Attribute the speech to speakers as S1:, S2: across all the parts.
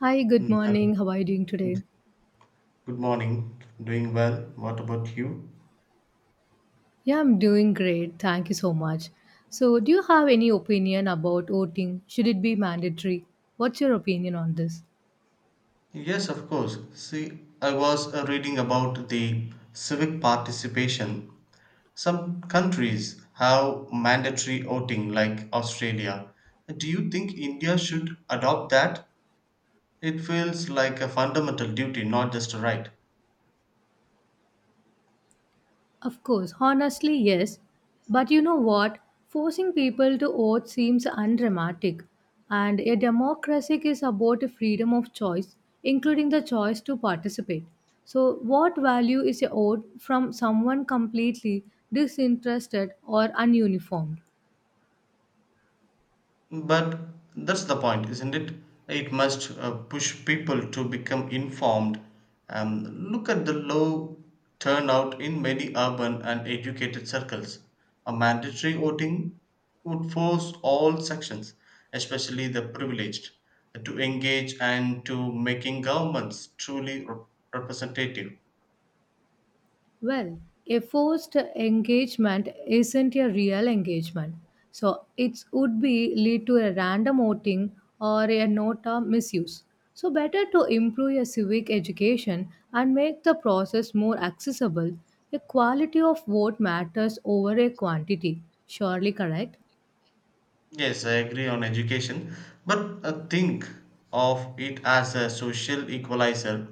S1: Hi, good
S2: Mm, I
S1: morning. How are you doing today?
S2: Good morning. Doing well. What about you?
S1: Yeah, I'm doing great. Thank you so much. So, do you have any opinion about voting? Should it be mandatory? What's your opinion on this?
S2: Yes, of course. See, I was reading about the civic participation. Some countries have mandatory voting, like Australia. Do you think India should adopt that? It feels like a fundamental duty, not just a right.
S1: Of course, honestly, yes. But you know what? Forcing people to vote seems undramatic. And a democracy is about a freedom of choice, including the choice to participate. So, what value is a vote from someone completely disinterested or ununiformed?
S2: But that's the point, isn't it? It must push people to become informed. Um, look at the low turnout in many urban and educated circles. A mandatory voting would force all sections, especially the privileged, to engage and to making governments truly representative.
S1: Well, a forced engagement isn't a real engagement. So it would be lead to a random voting or a nota misuse. So better to improve your civic education and make the process more accessible. The quality of vote matters over a quantity. Surely correct?
S2: Yes, I agree on education, but think of it as a social equalizer.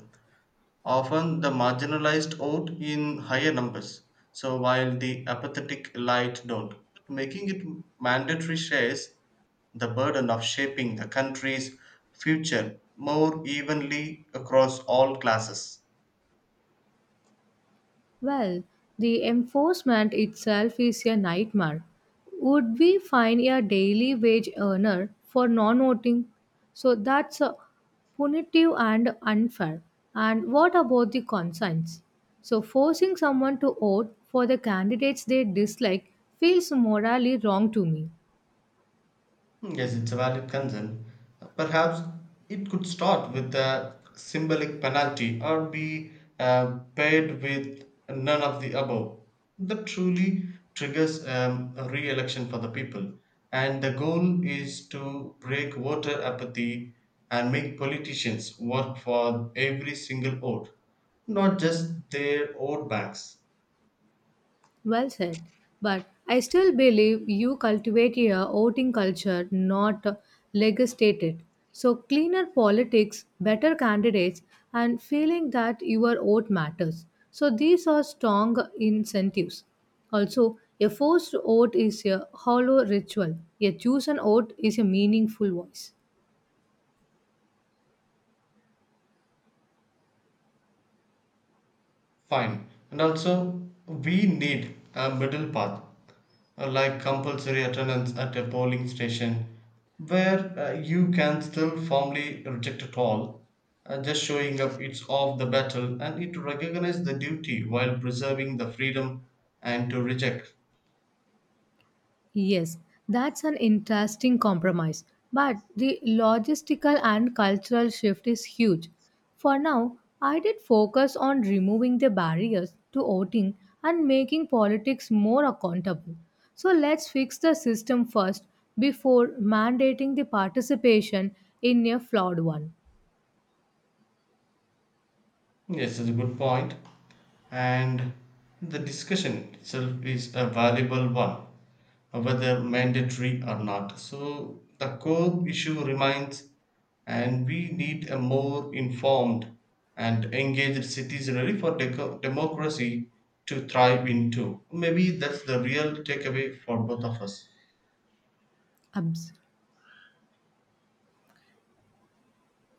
S2: Often the marginalized vote in higher numbers, so while the apathetic elite don't. Making it mandatory shares the burden of shaping the country's future more evenly across all classes.
S1: Well, the enforcement itself is a nightmare. Would we fine a daily wage earner for non voting? So that's punitive and unfair. And what about the conscience? So forcing someone to vote for the candidates they dislike feels morally wrong to me.
S2: Yes, it's a valid concern. Perhaps it could start with a symbolic penalty or be paid with none of the above. That truly triggers a re election for the people. And the goal is to break voter apathy and make politicians work for every single vote, not just their vote banks.
S1: Well said. But I still believe you cultivate a voting culture, not legislate it. So, cleaner politics, better candidates, and feeling that your vote matters. So, these are strong incentives. Also, a forced vote is a hollow ritual, a chosen vote is a meaningful voice.
S2: Fine, and also we need a middle path, like compulsory attendance at a polling station, where you can still formally reject it all. Just showing up it's off the battle, and it recognizes the duty while preserving the freedom and to reject.
S1: Yes, that's an interesting compromise, but the logistical and cultural shift is huge. For now, I did focus on removing the barriers to voting and making politics more accountable. So let's fix the system first before mandating the participation in a flawed one.
S2: Yes, it's a good point. And the discussion itself is a valuable one, whether mandatory or not. So the core issue remains, and we need a more informed and engaged citizenry for democracy to thrive into. Maybe that's the real takeaway for both of us.
S1: Abs.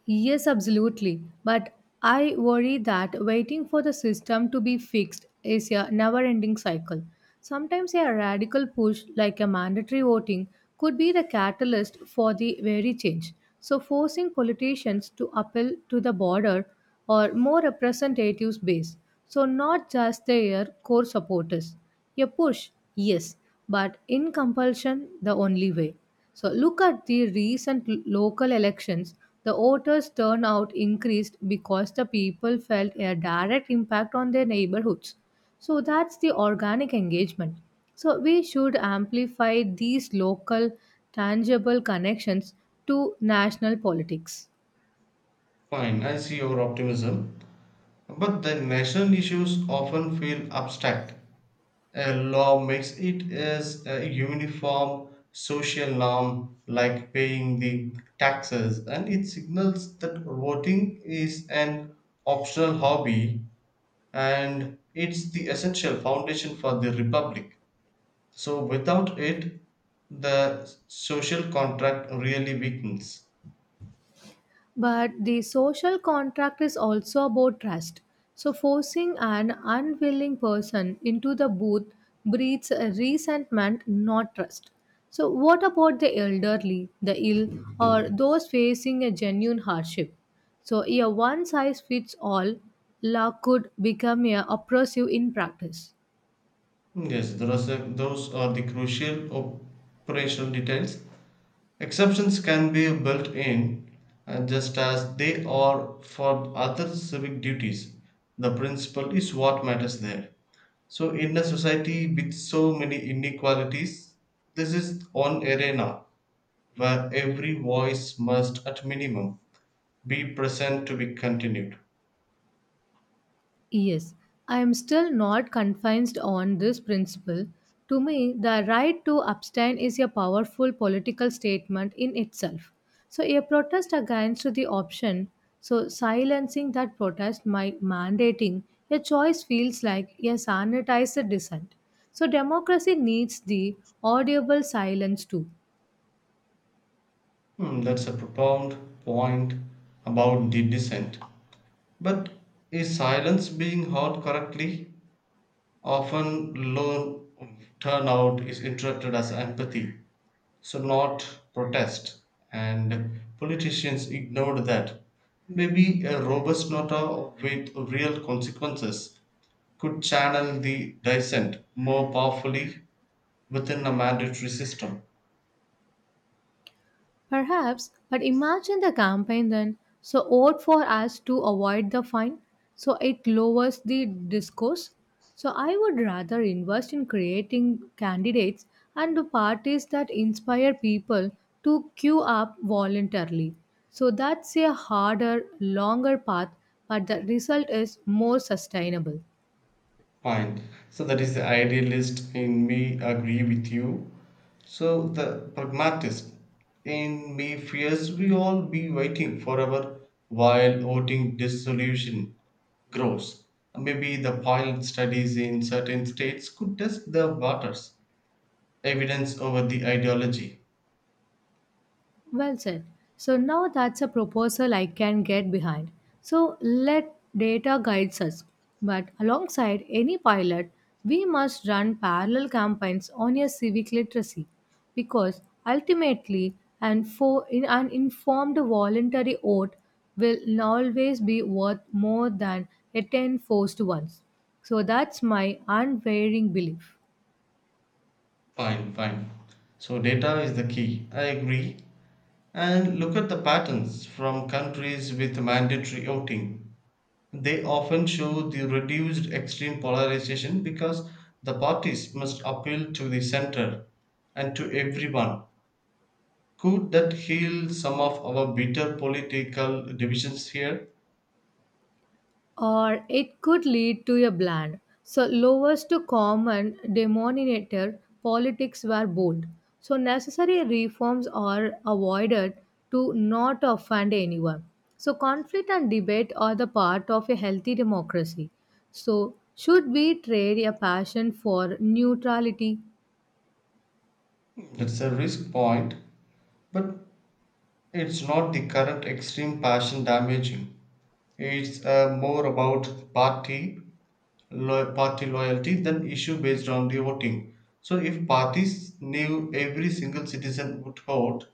S1: Yes, absolutely. But I worry that waiting for the system to be fixed is a never ending cycle. Sometimes a radical push, like a mandatory voting, could be the catalyst for the very change. So, forcing politicians to appeal to the broader or more representative base, so not just their core supporters a push, yes, but in compulsion, the only way. So look at the recent local elections. The voters' turnout increased because the people felt a direct impact on their neighborhoods. So that's the organic engagement. So we should amplify these local, tangible connections to national politics.
S2: Fine, I see your optimism. But the national issues often feel abstract. A law makes it as a uniform social norm, like paying the taxes, and it signals that voting is an optional hobby and it's the essential foundation for the republic. So, without it, the social contract really weakens.
S1: But the social contract is also about trust. So, forcing an unwilling person into the booth breeds resentment, not trust. So, what about the elderly, the ill, or those facing a genuine hardship? So, a one size fits all law could become a oppressive in practice.
S2: Yes, those are the crucial operational details. Exceptions can be built in, just as they are for other civic duties. The principle is what matters there. So, in a society with so many inequalities, this is one arena where every voice must, at minimum, be present to be continued.
S1: Yes, I am still not confined on this principle. To me, the right to abstain is a powerful political statement in itself. So, a protest against the option, so silencing that protest by mandating a choice feels like a sanitized dissent. So, democracy needs the audible silence too.
S2: Hmm, that's a profound point about the dissent. But is silence being heard correctly? Often, loan turnout is interpreted as empathy, so not protest, and politicians ignored that. Maybe a robust nota with real consequences could channel the dissent more powerfully within a mandatory system.
S1: Perhaps, but imagine the campaign then. So vote for us to avoid the fine. So it lowers the discourse. So I would rather invest in creating candidates and the parties that inspire people to queue up voluntarily. So that's a harder, longer path, but the result is more sustainable.
S2: Fine. So that is the idealist in me agree with you. So the pragmatist in me fears we all be waiting forever while voting dissolution grows. Maybe the pilot studies in certain states could test the waters, evidence over the ideology.
S1: Well said. So now that's a proposal I can get behind. So let data guides us. But alongside any pilot, we must run parallel campaigns on your civic literacy because ultimately in an informed voluntary vote will always be worth more than a 10 forced ones. So that's my unwavering belief.
S2: Fine, fine. So data is the key. I agree. And look at the patterns from countries with mandatory voting. They often show the reduced extreme polarization because the parties must appeal to the center and to everyone. Could that heal some of our bitter political divisions here?
S1: Or it could lead to a bland. So lowest to common denominator politics were bold. So necessary reforms are avoided to not offend anyone. So conflict and debate are the part of a healthy democracy. So should we trade a passion for neutrality?
S2: It's a risk point, but it's not the current extreme passion damaging. It's more about party loyalty than issue based on the voting. So if parties knew every single citizen would vote,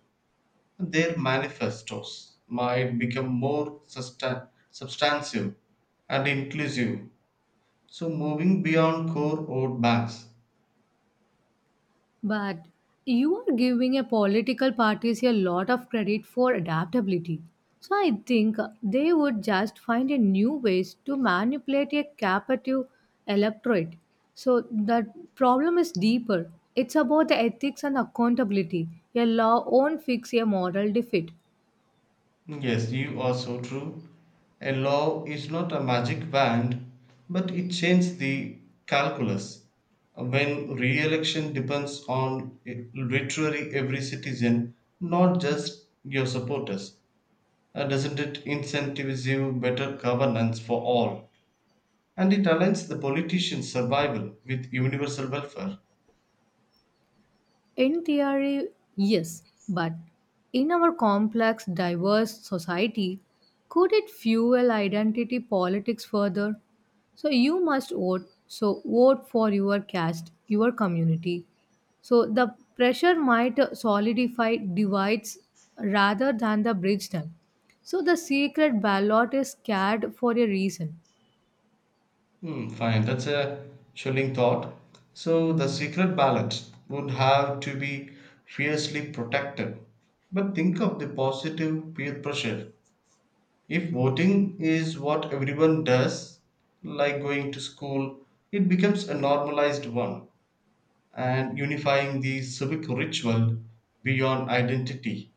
S2: their manifestos might become more substantive and inclusive. So, moving beyond core vote banks.
S1: But you are giving a political parties a lot of credit for adaptability. So I think they would just find a new ways to manipulate a captive electorate. So the problem is deeper. It's about the ethics and accountability. A law won't fix a moral defeat.
S2: Yes, you are so true. A law is not a magic wand, but it changes the calculus. When re election depends on literally every citizen, not just your supporters, doesn't it incentivize better governance for all? And it aligns the politician's survival with universal welfare.
S1: In theory, yes, but in our complex, diverse society, could it fuel identity politics further? So you must vote, so vote for your caste, your community. So the pressure might solidify divides rather than the bridge them. So the secret ballot is scared for a reason.
S2: Hmm, fine, that's a chilling thought. So the secret ballot would have to be fiercely protected. But think of the positive peer pressure. If voting is what everyone does, like going to school, it becomes a normalized one and unifying the civic ritual beyond identity.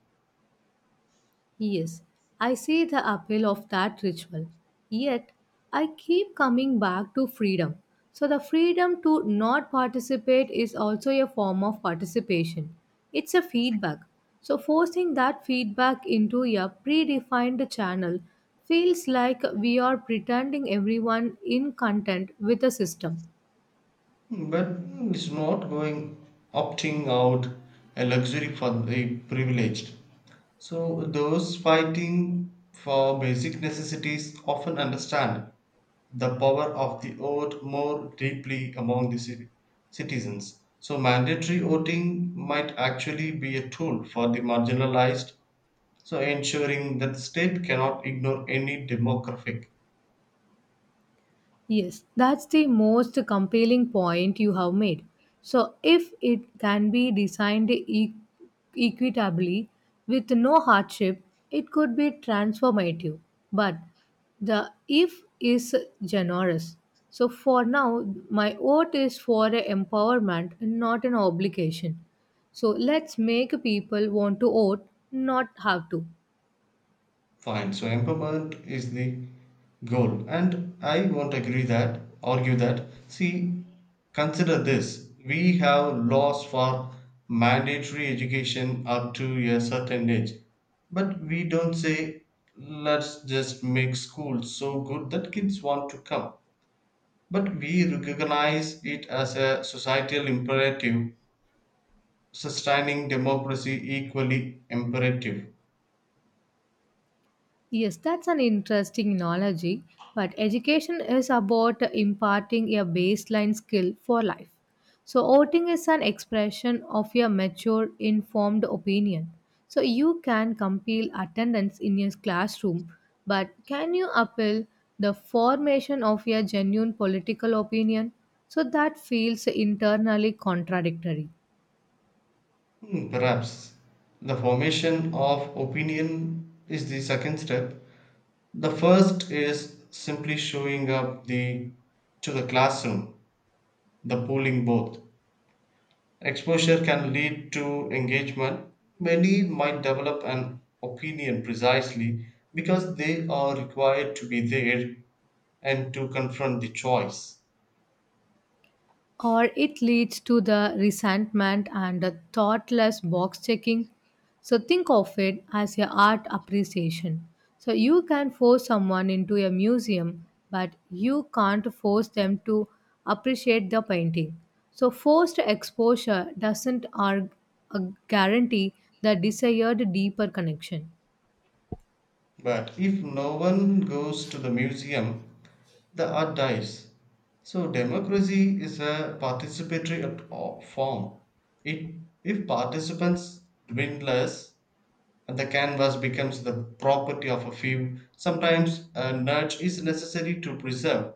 S1: Yes, I see the appeal of that ritual. Yet, I keep coming back to freedom. So, the freedom to not participate is also a form of participation. It's a feedback. So, forcing that feedback into a predefined channel feels like we are pretending everyone in content with a system.
S2: But it's not going opting out a luxury for the privileged. So those fighting for basic necessities often understand the power of the vote more deeply among the citizens. So mandatory voting might actually be a tool for the marginalized, so ensuring that the state cannot ignore any demographic.
S1: Yes, that's the most compelling point you have made. So, if it can be designed equitably with no hardship, it could be transformative. But the if is generous. So, for now, my vote is for a empowerment, not an obligation. So, let's make people want to vote, not have to.
S2: Fine. So empowerment is the goal. And I won't agree that, argue that. See, consider this. We have laws for mandatory education up to a certain age. But we don't say, let's just make school so good that kids want to come. But we recognize it as a societal imperative, sustaining democracy equally imperative.
S1: Yes, that's an interesting analogy, but education is about imparting a baseline skill for life. So, voting is an expression of your mature, informed opinion. So, you can compile attendance in your classroom, but can you appeal the formation of your genuine political opinion? So, that feels internally contradictory.
S2: Hmm, perhaps the formation of opinion is the second step. The first is simply showing up the to the classroom, the polling booth. Exposure can lead to engagement. Many might develop an opinion precisely because they are required to be there and to confront the choice.
S1: Or it leads to the resentment and the thoughtless box checking. So think of it as a art appreciation. So you can force someone into a museum, but you can't force them to appreciate the painting. So forced exposure doesn't uh, guarantee the desired deeper connection.
S2: But if no one goes to the museum, the art dies. So democracy is a participatory form. It, if participants dwindles and the canvas becomes the property of a few, sometimes a nudge is necessary to preserve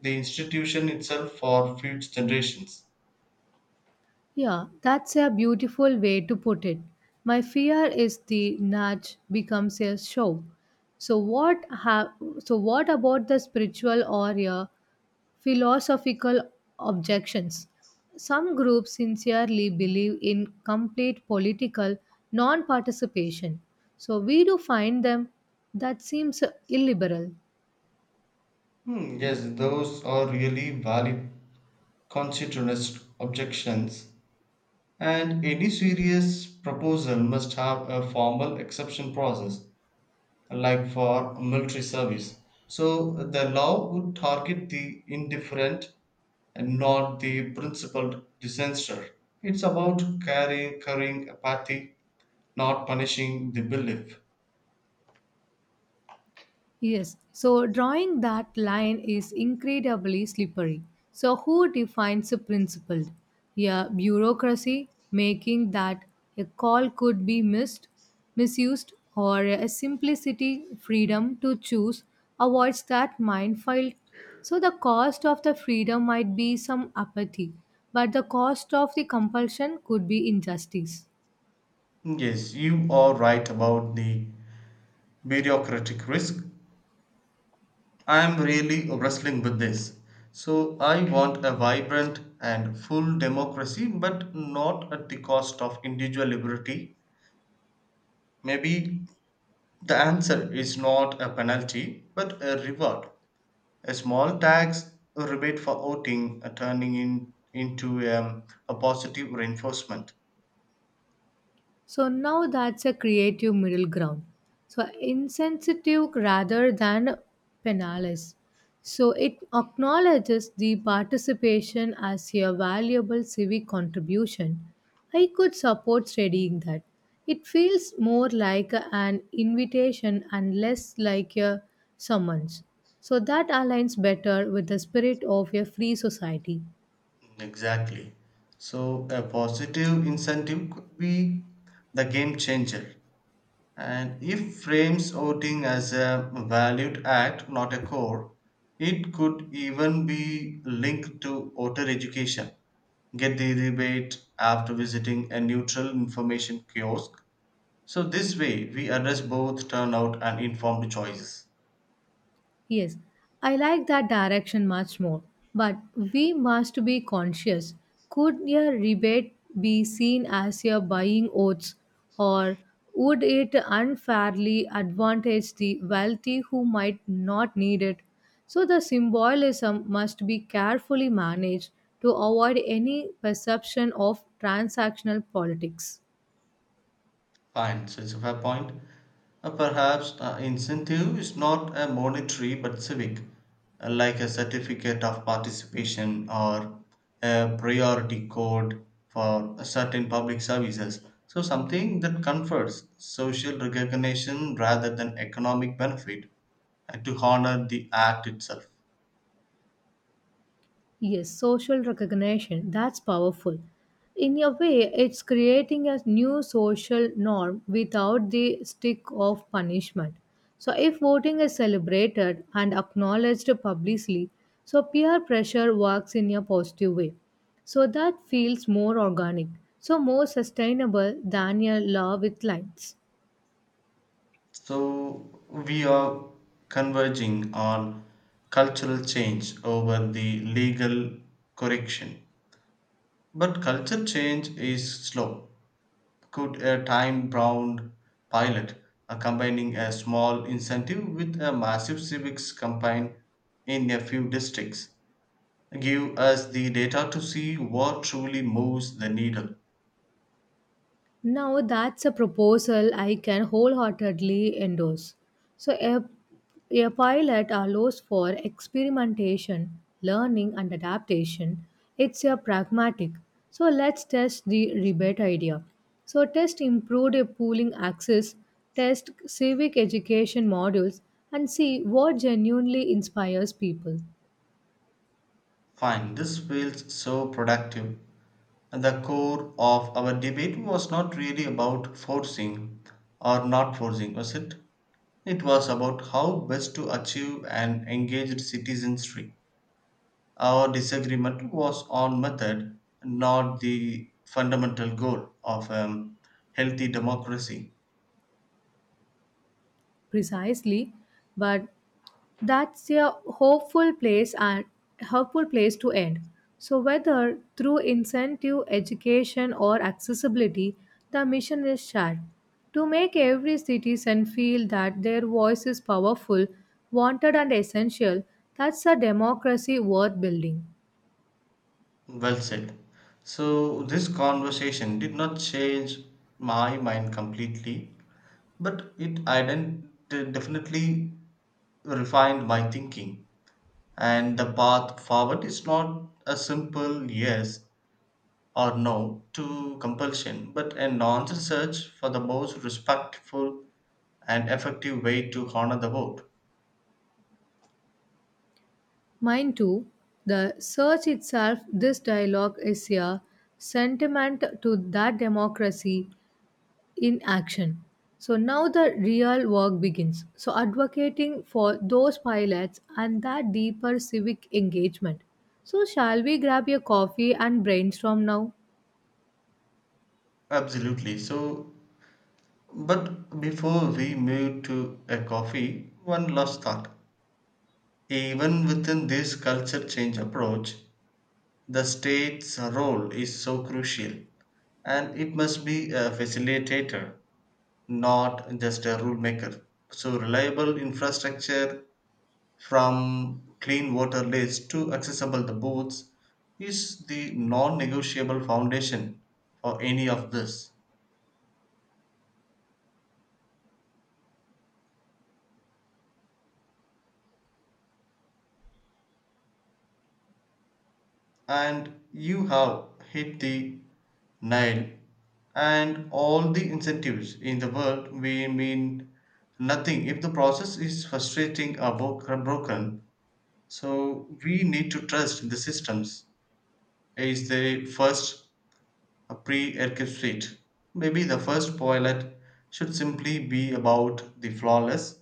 S2: the institution itself for future generations.
S1: Yeah, that's a beautiful way to put it. My fear is the nudge becomes a show. So what ha- so what about the spiritual or philosophical objections? Some groups sincerely believe in complete political non-participation. So we do find them that seems illiberal.
S2: Hmm, yes, those are really valid constitutionalist objections, and any serious proposal must have a formal exception process like for military service. So the law would target the indifferent and not the principled dissenter. It's about caring, curing apathy, not punishing the belief.
S1: Yes, so drawing that line is incredibly slippery. So, who defines a principled? Yeah, bureaucracy making that a call could be missed, misused, or a simplicity freedom to choose avoids that minefield. So, the cost of the freedom might be some apathy, but the cost of the compulsion could be injustice.
S2: Yes, you are right about the bureaucratic risk. I am really wrestling with this. So I want a vibrant and full democracy, but not at the cost of individual liberty. Maybe the answer is not a penalty, but a reward. A small tax, a rebate for voting, a turning in, into a positive reinforcement.
S1: So now that's a creative middle ground. So insensitive rather than penalis. So it acknowledges the participation as a valuable civic contribution. I could support studying that. It feels more like an invitation and less like a summons. So that aligns better with the spirit of a free society.
S2: Exactly. So, a positive incentive could be the game changer. And if frames voting as a valued act, not a core, it could even be linked to voter education. Get the rebate after visiting a neutral information kiosk. So this way we address both turnout and informed choices.
S1: Yes, I like that direction much more. But we must be conscious. Could a rebate be seen as a buying oats, or would it unfairly advantage the wealthy who might not need it? So the symbolism must be carefully managed to avoid any perception of transactional politics.
S2: Fine, so it's a fair point. Perhaps incentive is not a monetary but civic, like a certificate of participation or a priority code for certain public services. So something that confers social recognition rather than economic benefit, and to honor the act itself.
S1: Yes, social recognition, that's powerful. In a way, it's creating a new social norm without the stick of punishment. So, if voting is celebrated and acknowledged publicly, so peer pressure works in a positive way. So, that feels more organic, so more sustainable than a law with lines.
S2: So we are converging on cultural change over the legal correction. But culture change is slow. Could a time bound pilot, combining a small incentive with a massive civics campaign in a few districts, give us the data to see what truly moves the needle?
S1: Now that's a proposal I can wholeheartedly endorse. So a pilot allows for experimentation, learning and adaptation. It's a pragmatic. So let's test the rebate idea. So test improved pooling access, test civic education modules and see what genuinely inspires people.
S2: Fine, this feels so productive. The core of our debate was not really about forcing or not forcing, was it? It was about how best to achieve an engaged citizenry. Our disagreement was on method, not the fundamental goal of a healthy democracy.
S1: Precisely, but that's a hopeful place and hopeful place to end so whether through incentive education or accessibility the mission is shared to make every citizen feel that their voice is powerful wanted and essential that's a democracy worth building
S2: Well said. So, this conversation did not change my mind completely, but it definitely refined my thinking. And the path forward is not a simple yes or no to compulsion, but an honest search for the most respectful and effective way to honor the vote.
S1: mine too the search itself this dialogue is a sentiment to that democracy in action. So now the real work begins. So advocating for those pilots and that deeper civic engagement. So shall we grab your coffee and brainstorm now?
S2: Absolutely. So, but before we move to a coffee, one last thought. Even within this culture change approach, the state's role is so crucial and it must be a facilitator, not just a rule maker. So, reliable infrastructure from clean water lists to accessible the boats is the non negotiable foundation for any of this. And you have hit the nail, and all the incentives in the world we mean nothing if the process is frustrating or broken. So, we need to trust the systems, is the first a pre-Erkel Street. Maybe the first pilot should simply be about the flawless,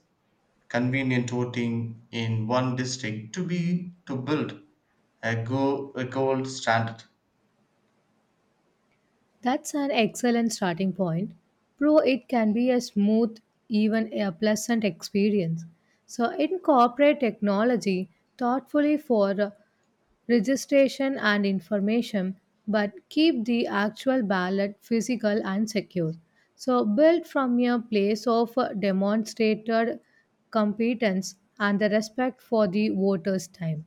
S2: convenient voting in one district to be to build a gold standard.
S1: That's an excellent starting point. Pro, it can be a smooth, even a pleasant experience. So incorporate technology thoughtfully for registration and information, but keep the actual ballot physical and secure. So, build from a place of demonstrated competence and the respect for the voters' time.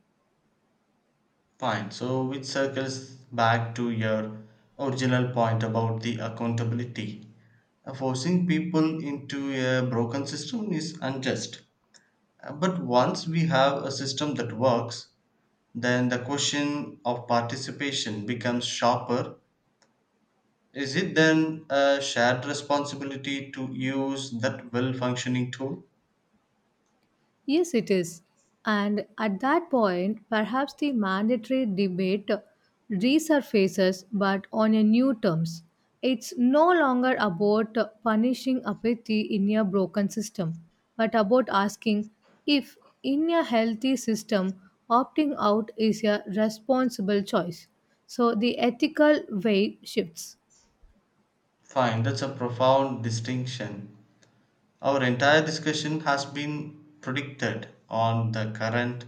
S2: Fine. So it circles back to your original point about the accountability. Forcing people into a broken system is unjust. But once we have a system that works, then the question of participation becomes sharper. Is it then a shared responsibility to use that well functioning tool?
S1: Yes, it is. And at that point, perhaps the mandatory debate resurfaces but on a new terms. It's no longer about punishing apathy in a broken system, but about asking if, in a healthy system, opting out is a responsible choice. So the ethical weight shifts.
S2: Fine, that's a profound distinction. Our entire discussion has been predicted on the current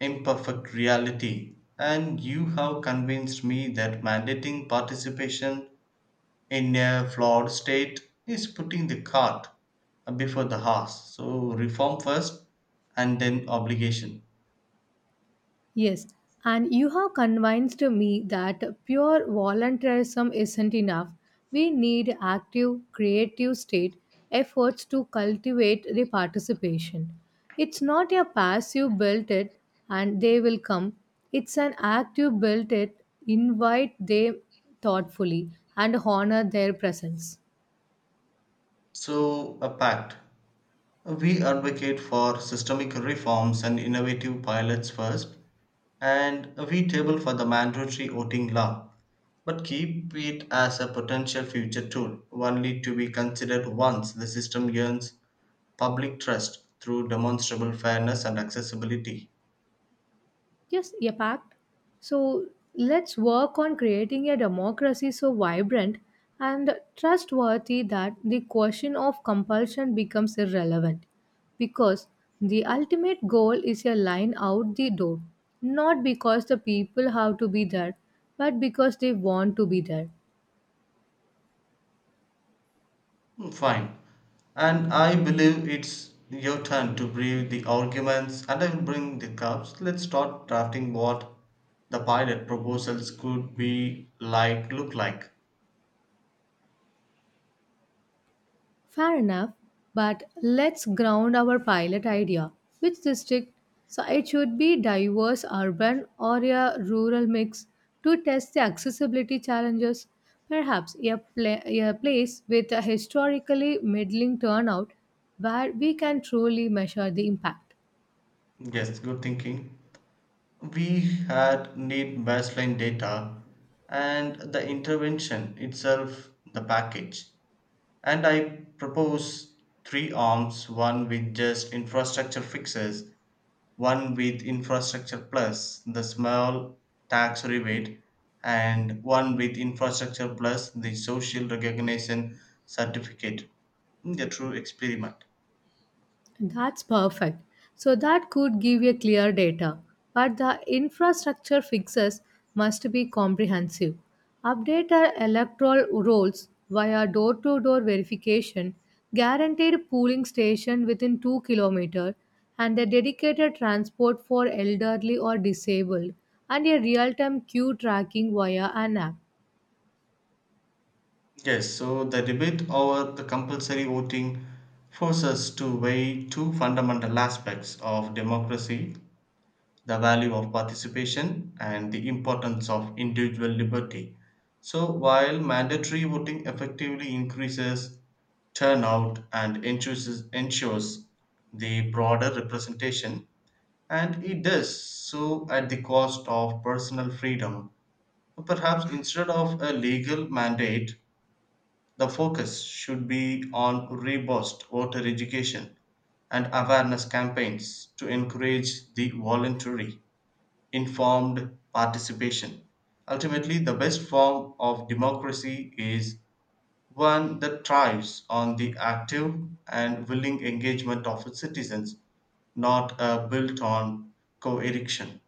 S2: imperfect reality, and you have convinced me that mandating participation in a flawed state is putting the cart before the horse. So, reform first and then obligation.
S1: Yes, and you have convinced me that pure voluntarism isn't enough. We need active, creative state efforts to cultivate the participation. It's not a passive build it and they will come. It's an active build it, invite them thoughtfully and honor their presence.
S2: So, a pact. We advocate for systemic reforms and innovative pilots first, and we table for the mandatory voting law, but keep it as a potential future tool, only to be considered once the system earns public trust through demonstrable fairness and accessibility.
S1: Yes, impact. So let's work on creating a democracy so vibrant and trustworthy that the question of compulsion becomes irrelevant because the ultimate goal is a line out the door, not because the people have to be there, but because they want to be there.
S2: Hmm, fine. And I believe it's your turn to brief the arguments, and I will bring the cups. Let's start drafting what the pilot proposals could be look like.
S1: Fair enough, but let's ground our pilot idea. Which district? So it should be diverse urban or a rural mix to test the accessibility challenges. Perhaps a place with a historically middling turnout where we can truly measure the impact.
S2: Yes, good thinking. We had need baseline data and the intervention itself, the package. And I propose three arms: one with just infrastructure fixes, one with infrastructure plus the small tax rebate, and one with infrastructure plus the social recognition certificate in the true experiment.
S1: That's perfect. So that could give a clear data, but the infrastructure fixes must be comprehensive. Update our electoral rolls via door-to-door verification, guaranteed polling station within 2 km, and a dedicated transport for elderly or disabled, and a real-time queue tracking via an app.
S2: Yes, so the debate over the compulsory voting forces us to weigh two fundamental aspects of democracy, the value of participation and the importance of individual liberty. So, while mandatory voting effectively increases turnout and ensures the broader representation, and it does so at the cost of personal freedom, perhaps instead of a legal mandate, the focus should be on robust voter education and awareness campaigns to encourage the voluntary informed participation. Ultimately, the best form of democracy is one that thrives on the active and willing engagement of its citizens, not built on coercion.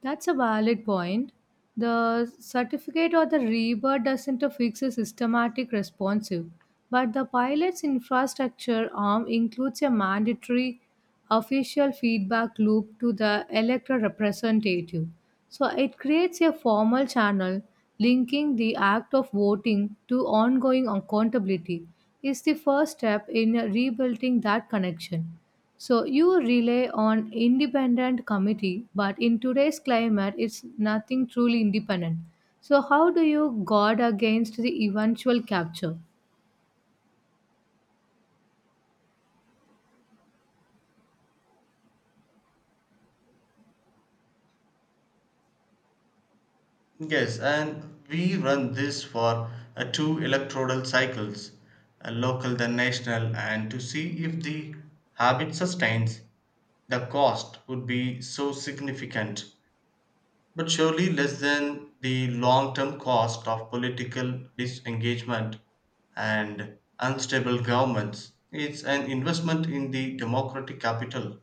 S1: That's a valid point. The certificate or the rebirth doesn't fix a systematic responsive, but the pilot's infrastructure arm includes a mandatory official feedback loop to the electoral representative. So it creates a formal channel linking the act of voting to ongoing accountability is the first step in rebuilding that connection. So you rely on independent committee, but in today's climate, it's nothing truly independent. So how do you guard against the eventual capture?
S2: Yes, and we run this for 2 electoral cycles, local then national, and to see if the habit sustains. The cost would be so significant but surely less than the long term cost of political disengagement and unstable governments. It's an investment in the democratic capital.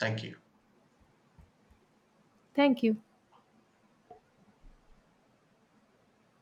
S2: Thank you.
S1: Thank you.